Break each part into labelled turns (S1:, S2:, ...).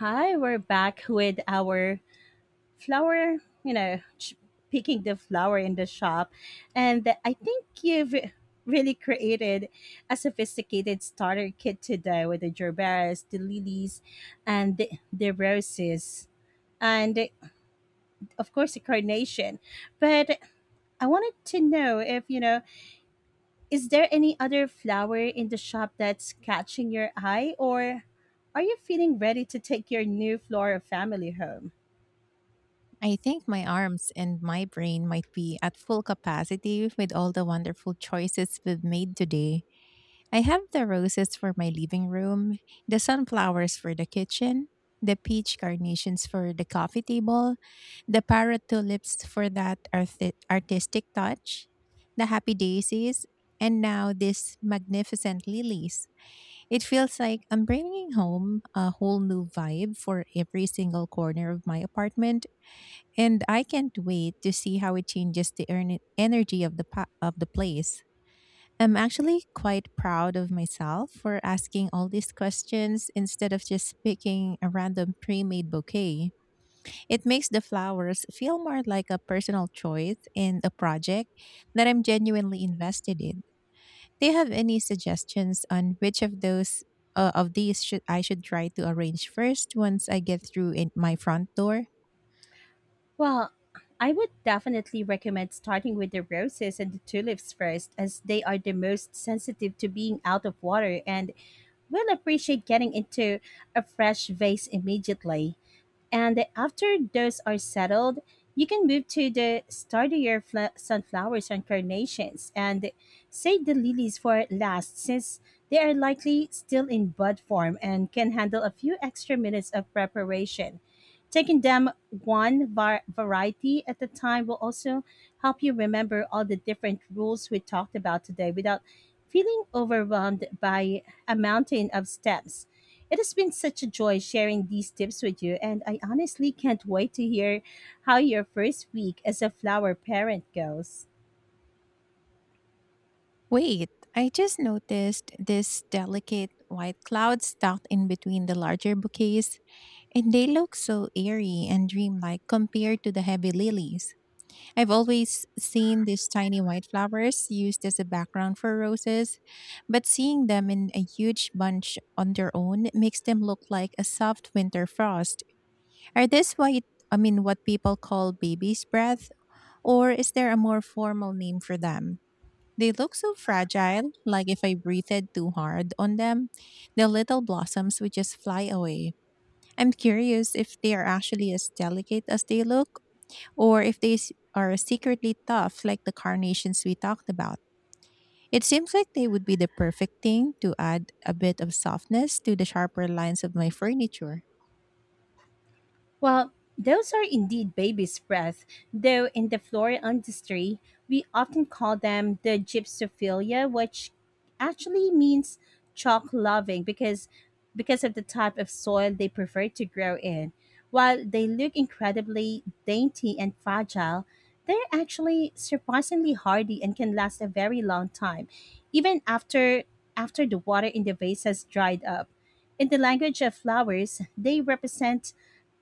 S1: Hi, we're back with our flower, you know, ch- picking the flower in the shop. And I think you've really created a sophisticated starter kit today with the gerberas, the lilies, and the roses. And of course, the carnation. But I wanted to know if, is there any other flower in the shop that's catching your eye, or are you feeling ready to take your new flora family home?
S2: I think my arms and my brain might be at full capacity with all the wonderful choices we've made today. I have the roses for my living room, the sunflowers for the kitchen, the peach carnations for the coffee table, the parrot tulips for that artistic touch, the happy daisies, and now these magnificent lilies. It feels like I'm bringing home a whole new vibe for every single corner of my apartment, and I can't wait to see how it changes the energy of the of the place. I'm actually quite proud of myself for asking all these questions instead of just picking a random pre-made bouquet. It makes the flowers feel more like a personal choice and a project that I'm genuinely invested in. Do you have any suggestions on which of those of these should I should try to arrange first once I get through in my front door?
S1: Well, I would definitely recommend starting with the roses and the tulips first, as they are the most sensitive to being out of water and will appreciate getting into a fresh vase immediately. And after those are settled, you can move to the sunflowers and carnations and save the lilies for last since they are likely still in bud form and can handle a few extra minutes of preparation. Taking them variety at a time will also help you remember all the different rules we talked about today without feeling overwhelmed by a mountain of steps. It has been such a joy sharing these tips with you, and I honestly can't wait to hear how your first week as a flower parent goes.
S2: Wait, I just noticed these delicate white clouds tucked in between the larger bouquets, and they look so airy and dreamlike compared to the heavy lilies. I've always seen these tiny white flowers used as a background for roses, but seeing them in a huge bunch on their own makes them look like a soft winter frost. Are this white, I mean, what people call baby's breath, or is there a more formal name for them? They look so fragile, like if I breathed too hard on them, the little blossoms would just fly away. I'm curious if they are actually as delicate as they look, or if they are secretly tough, like the carnations we talked about. It seems like they would be the perfect thing to add a bit of softness to the sharper lines of my furniture.
S1: Well, those are indeed baby's breath, though in the floral industry, we often call them the gypsophilia, which actually means chalk loving because of the type of soil they prefer to grow in. While they look incredibly dainty and fragile, they're actually surprisingly hardy and can last a very long time, even after after the water in the vase has dried up. In the language of flowers, they represent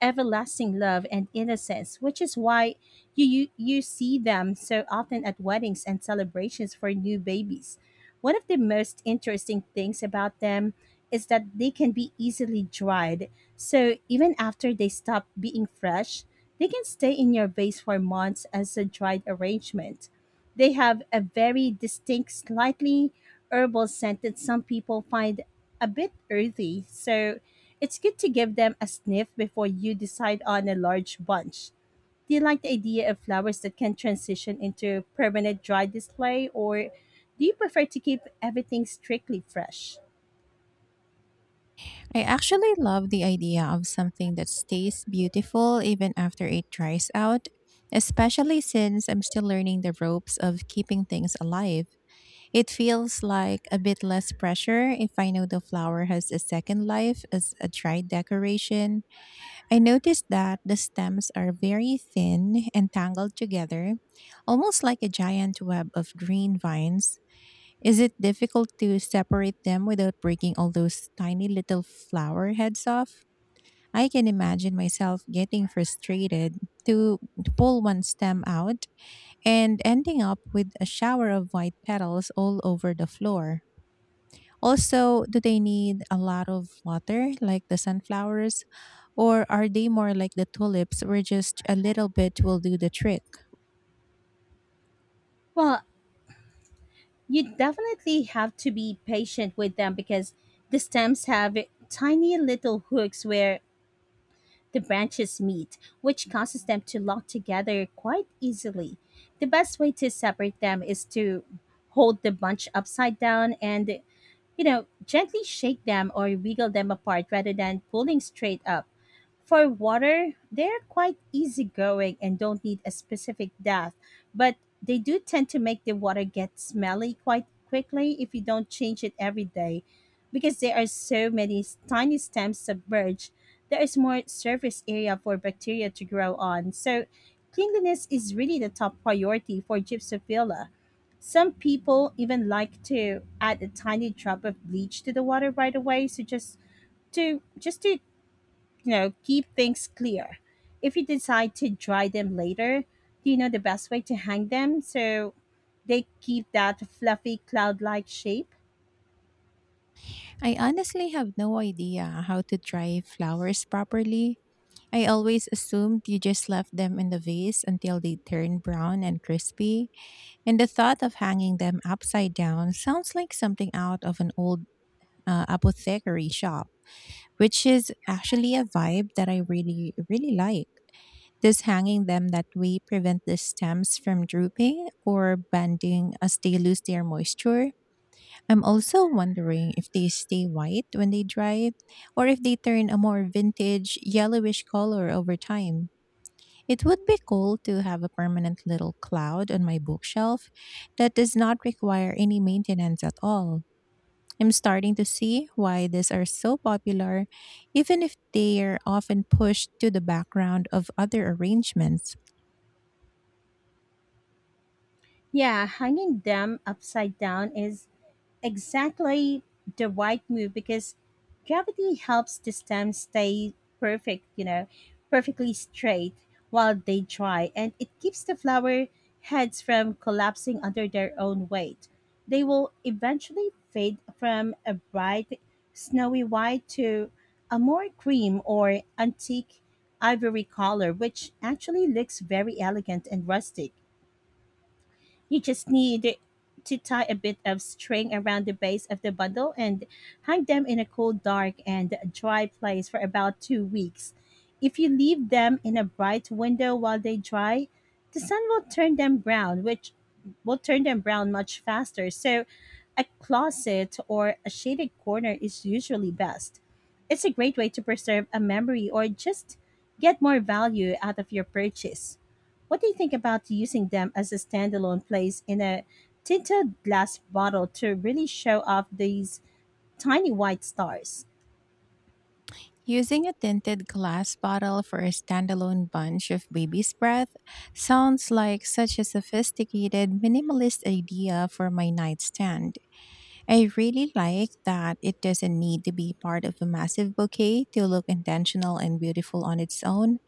S1: everlasting love and innocence, which is why you see them so often at weddings and celebrations for new babies. One of the most interesting things about them is that they can be easily dried. So even after they stop being fresh, they can stay in your vase for months as a dried arrangement. They have a very distinct, slightly herbal scent that some people find a bit earthy, so it's good to give them a sniff before you decide on a large bunch. Do you like the idea of flowers that can transition into permanent dry display, or do you prefer to keep everything strictly fresh?
S2: I actually love the idea of something that stays beautiful even after it dries out, especially since I'm still learning the ropes of keeping things alive. It feels like a bit less pressure if I know the flower has a second life as a dried decoration. I noticed that the stems are very thin and tangled together, almost like a giant web of green vines. Is it difficult to separate them without breaking all those tiny little flower heads off? I can imagine myself getting frustrated to pull one stem out and ending up with a shower of white petals all over the floor. Also, do they need a lot of water like the sunflowers? Or are they more like the tulips, where just a little bit will do the trick?
S1: Well, you definitely have to be patient with them because the stems have tiny little hooks where the branches meet, which causes them to lock together quite easily. The best way to separate them is to hold the bunch upside down and, you know, gently shake them or wiggle them apart rather than pulling straight up. For water, they're quite easygoing and don't need a specific bath, but they do tend to make the water get smelly quite quickly if you don't change it every day. Because there are tiny stems submerged, there is more surface area for bacteria to grow on. So, cleanliness is really the top priority for Gypsophila. Some people even like to add a tiny drop of bleach to the water right away, just to you know keep things clear if you decide to dry them later. Do you know the best way to hang them so they keep that fluffy cloud like shape?
S2: I honestly have no idea how to dry flowers properly. I always assumed you just left them in the vase until they turned brown and crispy, and the thought of hanging them upside down sounds like something out of an old apothecary shop, which is actually a vibe that I really, really like. Does hanging them that way prevent the stems from drooping or bending as they lose their moisture? I'm also wondering if they stay white when they dry, or if they turn a more vintage yellowish color over time. It would be cool to have a permanent little cloud on my bookshelf that does not require any maintenance at all. I'm starting to see why these are so popular, even if they are often pushed to the background of other arrangements.
S1: Yeah, hanging them upside down is exactly the right move because gravity helps the stem stay perfect, you know, perfectly straight while they dry, and it keeps the flower heads from collapsing under their own weight. They will eventually fade from a bright snowy white to a more cream or antique ivory color, which actually looks very elegant and rustic. You just need to tie a bit of string around the base of the bundle and hang them in a cool, dark, and dry place for about 2 weeks. If you leave them in a bright window while they dry, the sun will turn them brown, which will turn them brown much faster. So, a closet or a shaded corner is usually best. It's a great way to preserve a memory or just get more value out of your purchase. What do you think about using them as a standalone place in a tinted glass bottle to really show off these tiny white stars?
S2: Using a tinted glass bottle for a standalone bunch of baby's breath sounds like such a sophisticated, minimalist idea for my nightstand. I really like that it doesn't need to be part of a massive bouquet to look intentional and beautiful on its own.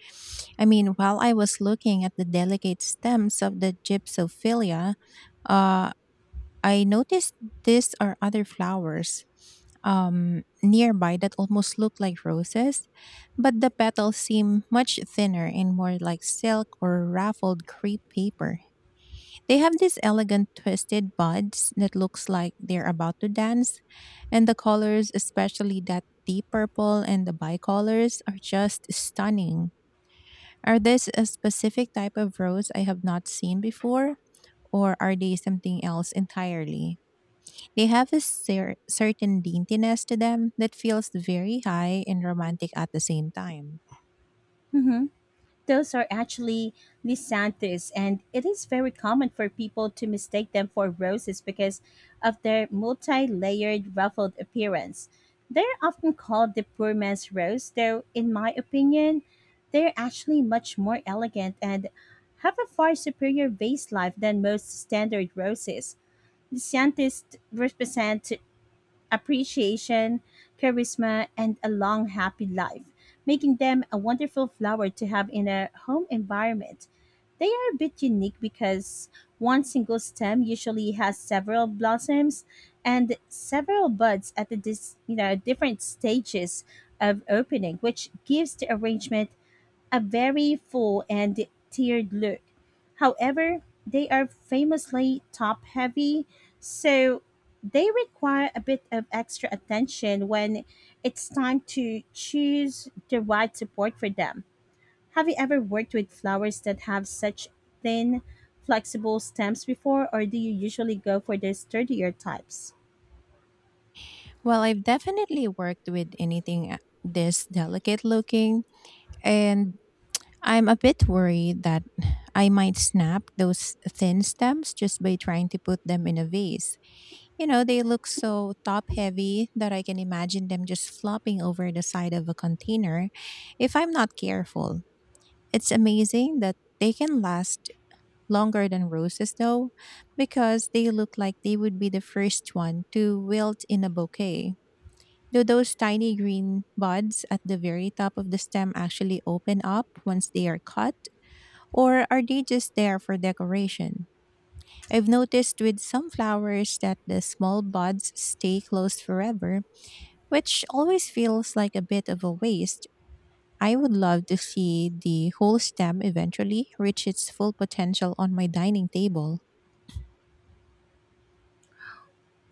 S2: I mean, while I was looking at the delicate stems of the gypsophilia, uh, I noticed this or other flowers nearby that almost look like roses, but the petals seem much thinner and more like silk or ruffled crepe paper. They have these elegant twisted buds that looks like they're about to dance, and the colors, especially that deep purple and the bicolors, are just stunning. Are this a specific type of rose I have not seen before? Or are they something else entirely? They have a certain daintiness to them that feels very high and romantic at the same time.
S1: Hmm. Those are actually Lysanthus, and it is very common for people to mistake them for roses because of their multi layered, ruffled appearance. They're often called the poor man's rose, though, in my opinion, they're actually much more elegant and have a far superior vase life than most standard roses. Scientists represent appreciation, charisma, and a long, happy life, making them a wonderful flower to have in a home environment. They are a bit unique because one single stem usually has several blossoms and several buds at you know different stages of opening, which gives the arrangement a very full and tiered look. However, they are famously top heavy, so they require a bit of extra attention when it's time to choose the right support for them. Have you ever worked with flowers that have such thin, flexible stems before, or do you usually go for the sturdier types?
S2: Well, I've definitely worked with anything this delicate looking, and I'm a bit worried that I might snap those thin stems just by trying to put them in a vase. You know, they look so top heavy that I can imagine them just flopping over the side of a container if I'm not careful. It's amazing that they can last longer than roses, though, because they look like they would be the first one to wilt in a bouquet. Do those tiny green buds at the very top of the stem actually open up once they are cut? Or are they just there for decoration? I've noticed with some flowers that the small buds stay closed forever, which always feels like a bit of a waste. I would love to see the whole stem eventually reach its full potential on my dining table.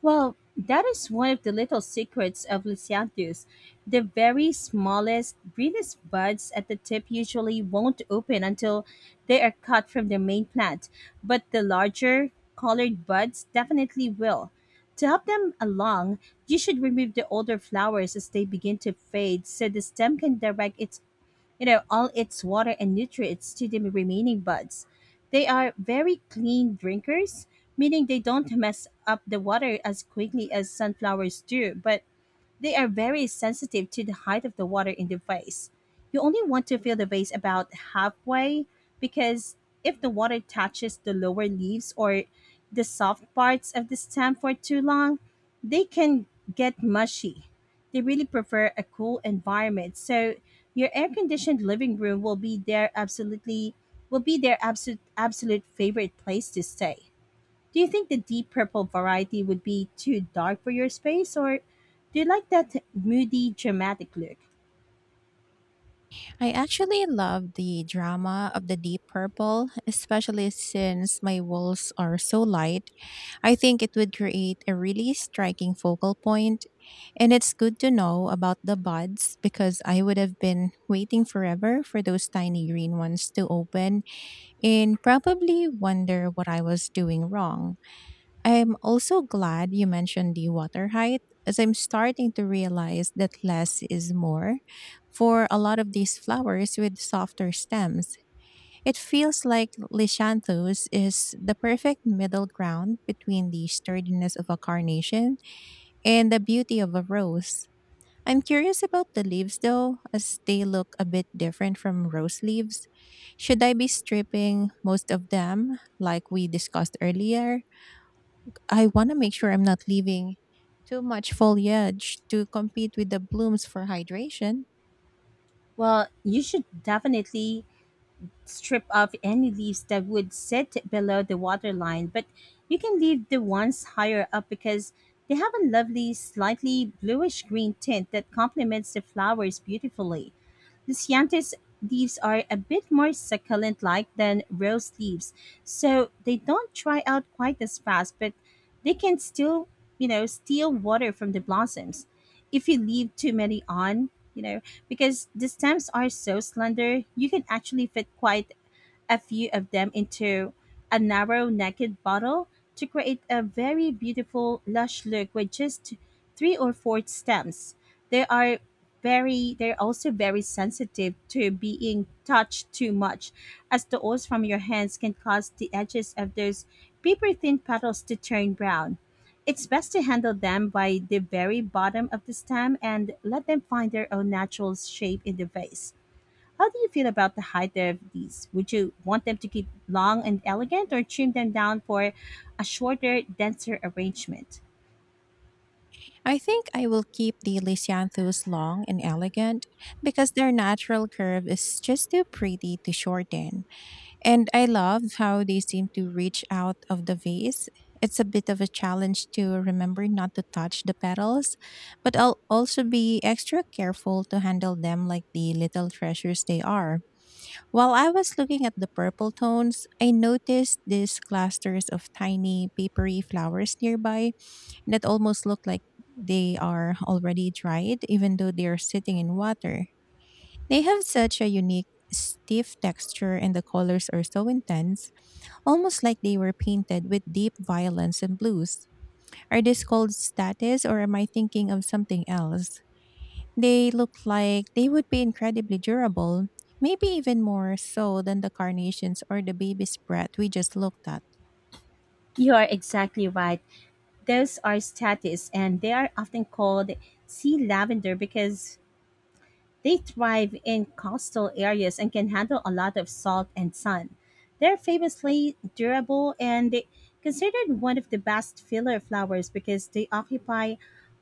S1: Well, that is one of the little secrets of Lysianthus. The very smallest, greenest buds at the tip usually won't open until they are cut from the main plant, but the larger, colored buds definitely will. To help them along, you should remove the older flowers as they begin to fade so the stem can direct its you know, all its water and nutrients to the remaining buds. They are very clean drinkers, meaning they don't mess up the water as quickly as sunflowers do, but they are very sensitive to the height of the water in the vase. You only want to fill the vase about halfway because if the water touches the lower leaves or the soft parts of the stem for too long, they can get mushy. They really prefer a cool environment. So your air conditioned living room will be their absolutely will be their absolute favorite place to stay. Do you think the deep purple variety would be too dark for your space, or do you like that moody, dramatic look?
S2: I actually love the drama of the deep purple, especially since my walls are so light. I think it would create a really striking focal point, and it's good to know about the buds, because I would have been waiting forever for those tiny green ones to open and probably wonder what I was doing wrong. I'm also glad you mentioned the water height, as I'm starting to realize that less is more for a lot of these flowers with softer stems. It feels like Lishanthus is the perfect middle ground between the sturdiness of a carnation and the beauty of a rose. I'm curious about the leaves though, as they look a bit different from rose leaves. Should I be stripping most of them, like we discussed earlier? I want to make sure I'm not leaving too much foliage to compete with the blooms for hydration.
S1: Well, you should definitely strip off any leaves that would sit below the water line, but you can leave the ones higher up because they have a lovely, slightly bluish green tint that complements the flowers beautifully. The Ciantes leaves are a bit more succulent like than rose leaves, so they don't dry out quite as fast, but they can still, you know, steal water from the blossoms if you leave too many on, you know, because the stems are so slender, you can actually fit quite a few of them into a narrow naked bottle to create a very beautiful lush look with just 3 or 4 stems. They are they're also very sensitive to being touched too much as the oils from your hands can cause the edges of those paper thin petals to turn brown. It's best to handle them by the very bottom of the stem and let them find their own natural shape in the vase. How do you feel about the height of these? Would you want them to keep long and elegant or trim them down for a shorter, denser arrangement?
S2: I think I will keep the Lysianthus long and elegant, because their natural curve is just too pretty to shorten. And I love how they seem to reach out of the vase. It's a bit of a challenge to remember not to touch the petals, but I'll also be extra careful to handle them like the little treasures they are. While I was looking at the purple tones, I noticed these clusters of tiny papery flowers nearby that almost look like they are already dried, even though they are sitting in water. They have such a unique, stiff texture, and the colors are so intense, almost like they were painted with deep violence and blues. Are these called status, or am I thinking of something else? They look like they would be incredibly durable, maybe even more so than the carnations or the baby's breath we just looked at.
S1: You are exactly right. Those are status and they are often called sea lavender because they thrive in coastal areas and can handle a lot of salt and sun. They're famously durable and they- Considered one of the best filler flowers because they occupy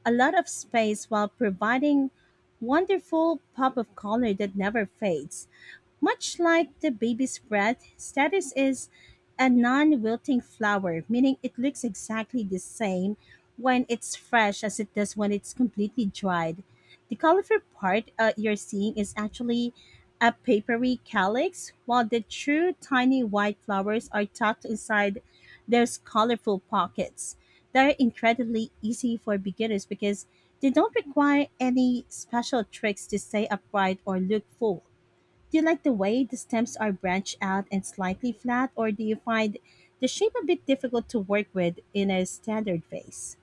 S1: a lot of space while providing wonderful pop of color that never fades. Much like the baby's breath, status is a non wilting flower, meaning it looks exactly the same when it's fresh as it does when it's completely dried. The conifer part you're seeing is actually a papery calyx, while the true tiny white flowers are tucked inside their colorful pockets. They're incredibly easy for beginners because they don't require any special tricks to stay upright or look full. Do you like the way the stems are branched out and slightly flat, or do you find the shape a bit difficult to work with in a standard vase?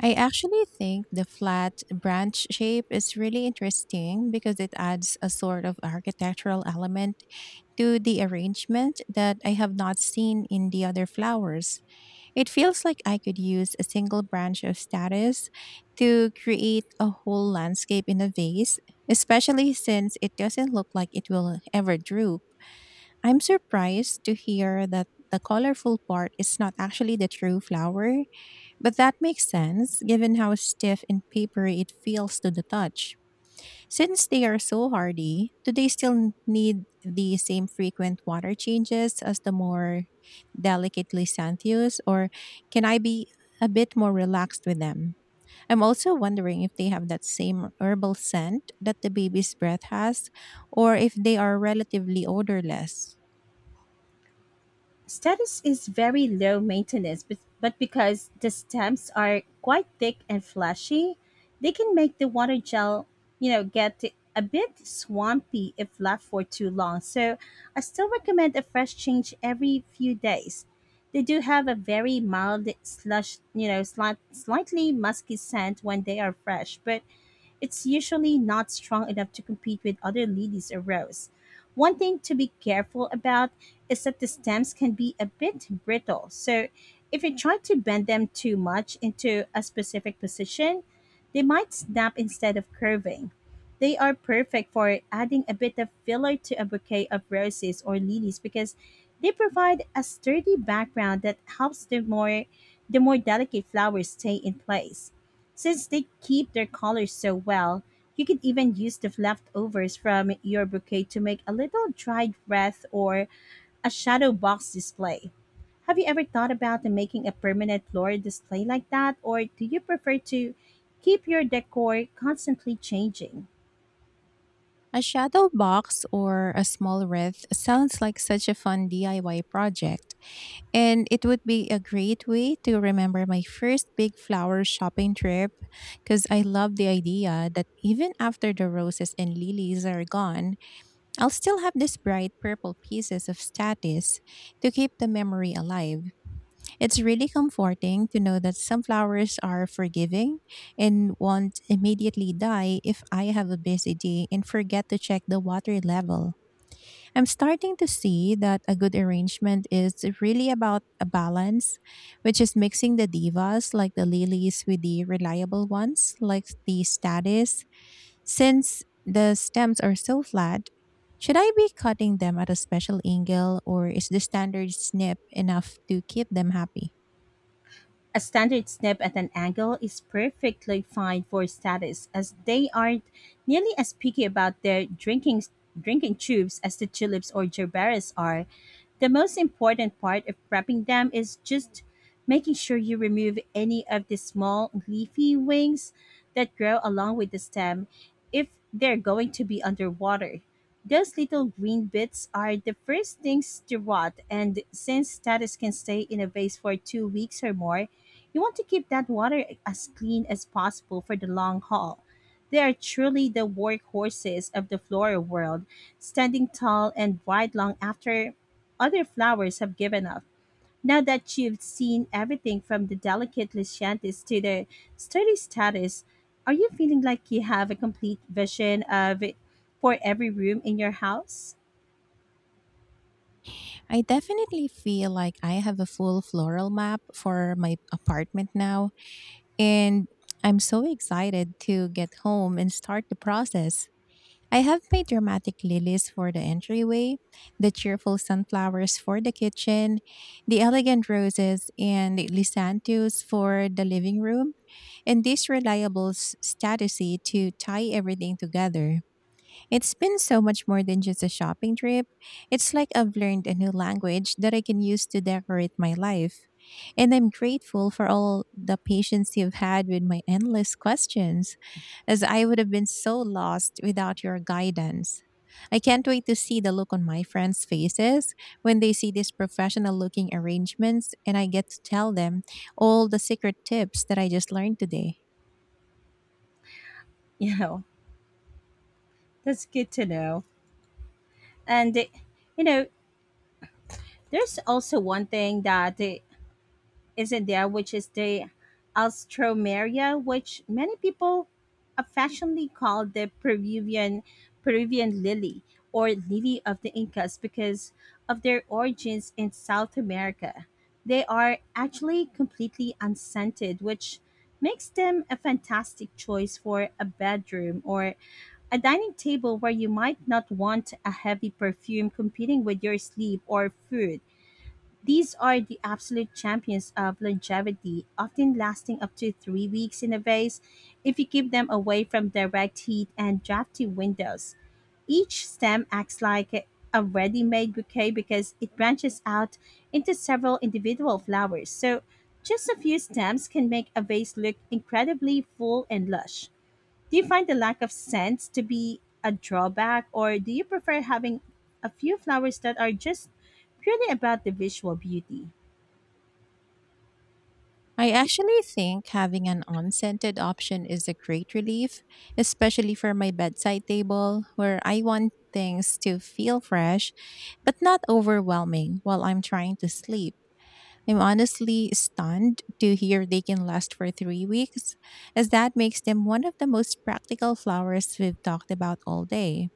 S2: I actually think the flat branch shape is really interesting, because it adds a sort of architectural element to the arrangement that I have not seen in the other flowers. It feels like I could use a single branch of status to create a whole landscape in a vase, especially since it doesn't look like it will ever droop. I'm surprised to hear that the colorful part is not actually the true flower, but that makes sense given how stiff and papery it feels to the touch. Since they are so hardy, do they still need the same frequent water changes as the more delicately Xanthius, or can I be a bit more relaxed with them? I'm also wondering if they have that same herbal scent that the baby's breath has, or if they are relatively odorless.
S1: Status is very low maintenance, but because the stems are quite thick and fleshy, they can make the water you know, get a bit swampy if left for too long. So I still recommend a fresh change every few days. They do have a very you know, slightly musky scent when they are fresh, but it's usually not strong enough to compete with other lilies or rose. One thing to be careful about is that the stems can be a bit brittle. So, if you try to bend them too much into a specific position, they might snap instead of curving. They are perfect for adding a bit of filler to a bouquet of roses or lilies because they provide a sturdy background that helps the more delicate flowers stay in place. Since they keep their colors so well, you could even use the leftovers from your bouquet to make a little dried wreath or a shadow box display. Have you ever thought about making a permanent floral display like that, or do you prefer to keep your decor constantly changing?
S2: A shadow box or a small wreath sounds like such a fun DIY project. And it would be a great way to remember my first big flower shopping trip, because I love the idea that even after the roses and lilies are gone, I'll still have these bright purple pieces of status to keep the memory alive. It's really comforting to know that some flowers are forgiving and won't immediately die if I have a busy day and forget to check the water level. I'm starting to see that a good arrangement is really about a balance, which is mixing the divas like the lilies with the reliable ones like the status. Since the stems are so flat, should I be cutting them at a special angle, or is the standard snip enough to keep them happy?
S1: A standard snip at an angle is perfectly fine for statists, as they aren't nearly as picky about their drinking tubes as the tulips or gerberas are. The most important part of prepping them is just making sure you remove any of the small leafy wings that grow along with the stem if they're going to be underwater. Those little green bits are the first things to rot, and since status can stay in a vase for 2 weeks or more, you want to keep that water as clean as possible for the long haul. They are truly the workhorses of the floral world, standing tall and wide long after other flowers have given up. Now that you've seen everything from the delicate Lycianthus to the sturdy status, are you feeling like you have a complete vision of it for every room in your house?
S2: I definitely feel like I have a full floral map for my apartment now, and I'm so excited to get home and start the process. I have my dramatic lilies for the entryway, the cheerful sunflowers for the kitchen, the elegant roses and lysanthus for the living room, and this reliable statusy to tie everything together. It's been so much more than just a shopping trip. It's like I've learned a new language that I can use to decorate my life. And I'm grateful for all the patience you've had with my endless questions, as I would have been so lost without your guidance. I can't wait to see the look on my friends' faces when they see these professional looking arrangements and I get to tell them all the secret tips that I just learned today.
S1: You know, that's good to know. And, you know, there's also one thing that isn't there, which is the Alstroemeria, which many people affectionately call the Peruvian lily, or lily of the Incas, because of their origins in South America. They are actually completely unscented, which makes them a fantastic choice for a bedroom or a dining table where you might not want a heavy perfume competing with your sleep or food. These are the absolute champions of longevity, often lasting up to 3 weeks in a vase if you keep them away from direct heat and drafty windows. Each stem acts like a ready made bouquet because it branches out into several individual flowers. So, just a few stems can make a vase look incredibly full and lush. Do you find the lack of scents to be a drawback, or do you prefer having a few flowers that are just purely about the visual beauty?
S2: I actually think having an unscented option is a great relief, especially for my bedside table, where I want things to feel fresh but not overwhelming while I'm trying to sleep. I'm honestly stunned to hear they can last for 3 weeks, as that makes them one of the most practical flowers we've talked about all day.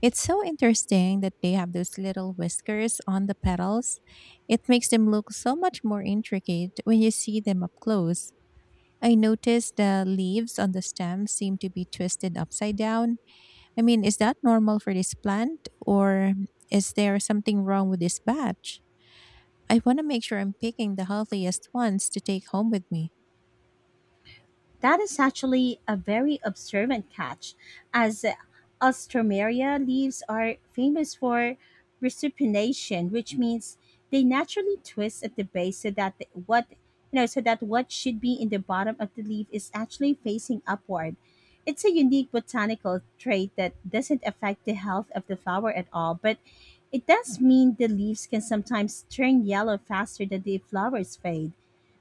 S2: It's so interesting that they have those little whiskers on the petals. It makes them look so much more intricate when you see them up close. I noticed the leaves on the stem seem to be twisted upside down. I mean, is that normal for this plant, or is there something wrong with this batch? I want to make sure I'm picking the healthiest ones to take home with me.
S1: That is actually a very observant catch, as Alstroemeria leaves are famous for recipination, which means they naturally twist at the base, so that the- what you know so that what should be in the bottom of the leaf is actually facing upward. It's a unique botanical trait that doesn't affect the health of the flower at all, but it does mean the leaves can sometimes turn yellow faster than the flowers fade.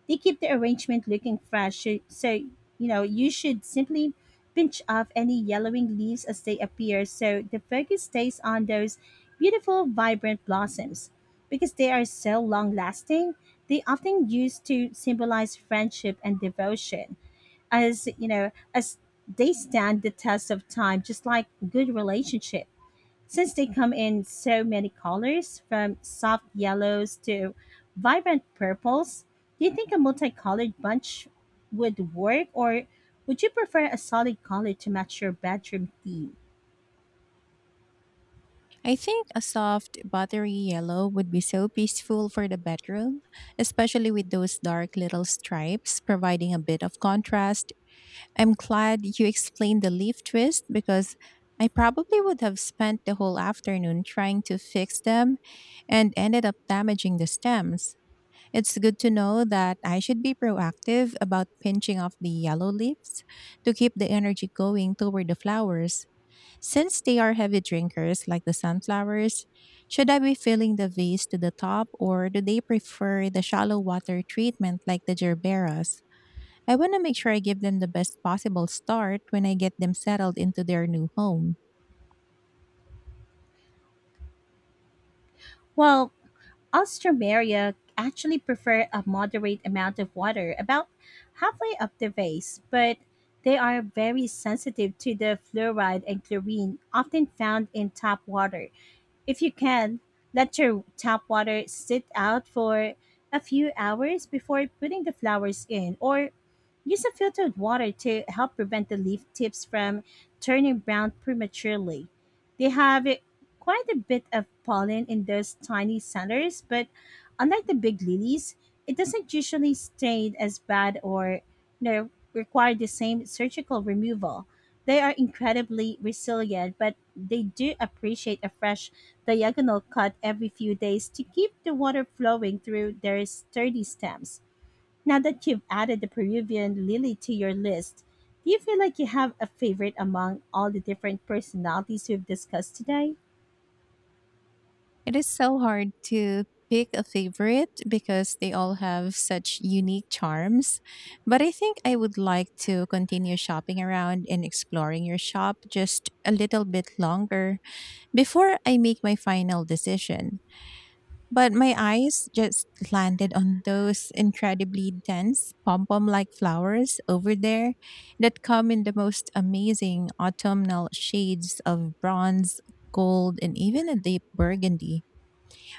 S1: They keep the arrangement looking fresh. So, you should simply pinch off any yellowing leaves as they appear so the focus stays on those beautiful, vibrant blossoms. Because they are so long lasting, they often used to symbolize friendship and devotion, as they stand the test of time, just like good relationship. Since they come in so many colors, from soft yellows to vibrant purples, do you think a multicolored bunch would work, or would you prefer a solid color to match your bedroom theme?
S2: I think a soft, buttery yellow would be so peaceful for the bedroom, especially with those dark little stripes providing a bit of contrast. I'm glad you explained the leaf twist, because I probably would have spent the whole afternoon trying to fix them and ended up damaging the stems. It's good to know that I should be proactive about pinching off the yellow leaves to keep the energy going toward the flowers. Since they are heavy drinkers like the sunflowers, should I be filling the vase to the top, or do they prefer the shallow water treatment like the gerberas? I want to make sure I give them the best possible start when I get them settled into their new home.
S1: Well, us actually prefer a moderate amount of water, about halfway up the vase, but they are very sensitive to the fluoride and chlorine often found in tap water. If you can, let your tap water sit out for a few hours before putting the flowers in, or use a filtered water to help prevent the leaf tips from turning brown prematurely. They have quite a bit of pollen in those tiny centers, but unlike the big lilies, it doesn't usually stain as bad or require the same surgical removal. They are incredibly resilient, but they do appreciate a fresh diagonal cut every few days to keep the water flowing through their sturdy stems. Now that you've added the Peruvian lily to your list, do you feel like you have a favorite among all the different personalities we've discussed today?
S2: It is so hard to pick a favorite because they all have such unique charms. But I think I would like to continue shopping around and exploring your shop just a little bit longer before I make my final decision. But my eyes just landed on those incredibly dense pom pom like flowers over there that come in the most amazing autumnal shades of bronze, gold, and even a deep burgundy.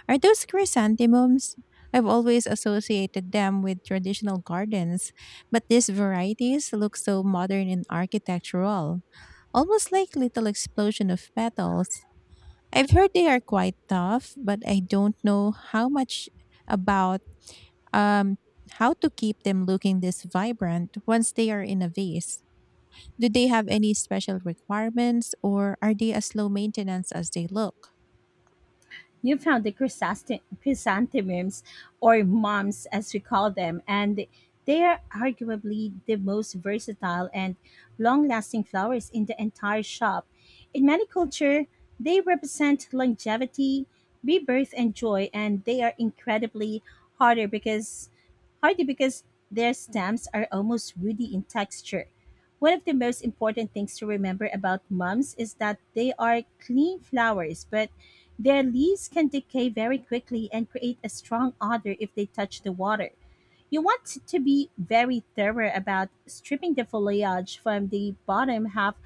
S2: Are those chrysanthemums? I've always associated them with traditional gardens, but these varieties look so modern and architectural, almost like little explosion of petals. I've heard they are quite tough, but I don't know how much about um, how to keep them looking this vibrant once they are in a vase. Do they have any special requirements, or are they as low maintenance as they look?
S1: You found the chrysanthemums, or mums as we call them, and they are arguably the most versatile and long lasting flowers in the entire shop. In many culture, they represent longevity, rebirth, and joy, and they are incredibly harder because hardy because their stems are almost woody in texture. One of the most important things to remember about mums is that they are clean flowers, but their leaves can decay very quickly and create a strong odor if they touch the water. You want to be very thorough about stripping the foliage from the bottom half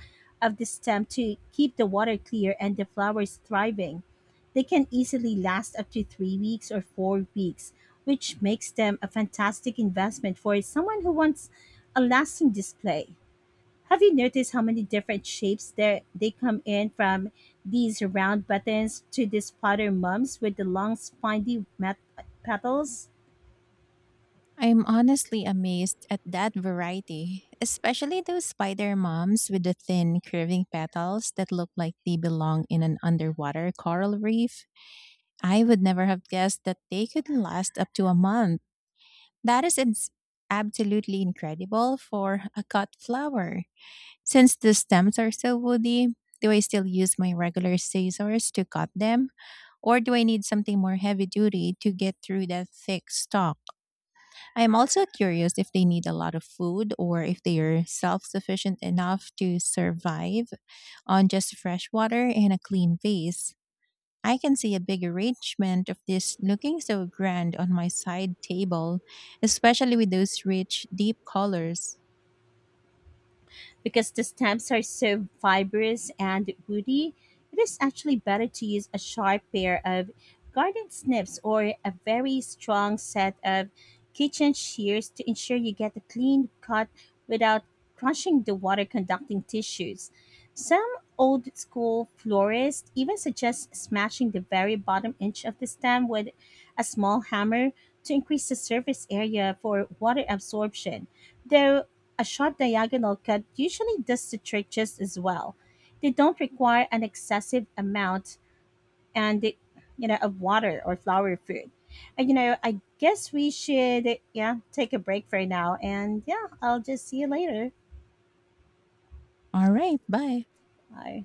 S1: of the stem to keep the water clear and the flowers thriving. They can easily last up to 3 weeks or 4 weeks, which makes them a fantastic investment for someone who wants a lasting display. Have you noticed how many different shapes there they come in, from these round buttons to these potter mums with the long spiny petals?
S2: I'm honestly amazed at that variety, especially those spider moms with the thin, curving petals that look like they belong in an underwater coral reef. I would never have guessed that they could last up to a month. That is ins- Absolutely incredible for a cut flower. Since the stems are so woody, do I still use my regular scissors to cut them? Or do I need something more heavy duty to get through that thick stalk? I am also curious if they need a lot of food, or if they are self sufficient enough to survive on just fresh water and a clean vase. I can see a big arrangement of this looking so grand on my side table, especially with those rich, deep colors.
S1: Because the stems are so fibrous and woody, it is actually better to use a sharp pair of garden snips or a very strong set of kitchen shears to ensure you get a clean cut without crushing the water conducting tissues. Some old school florists even suggest smashing the very bottom inch of the stem with a small hammer to increase the surface area for water absorption, though a short diagonal cut usually does the trick just as well. They don't require an excessive amount and it, you know of water or flour food. And I guess we should, yeah, take a break for now. And yeah, I'll just see you later.
S2: All right, bye.
S1: Bye.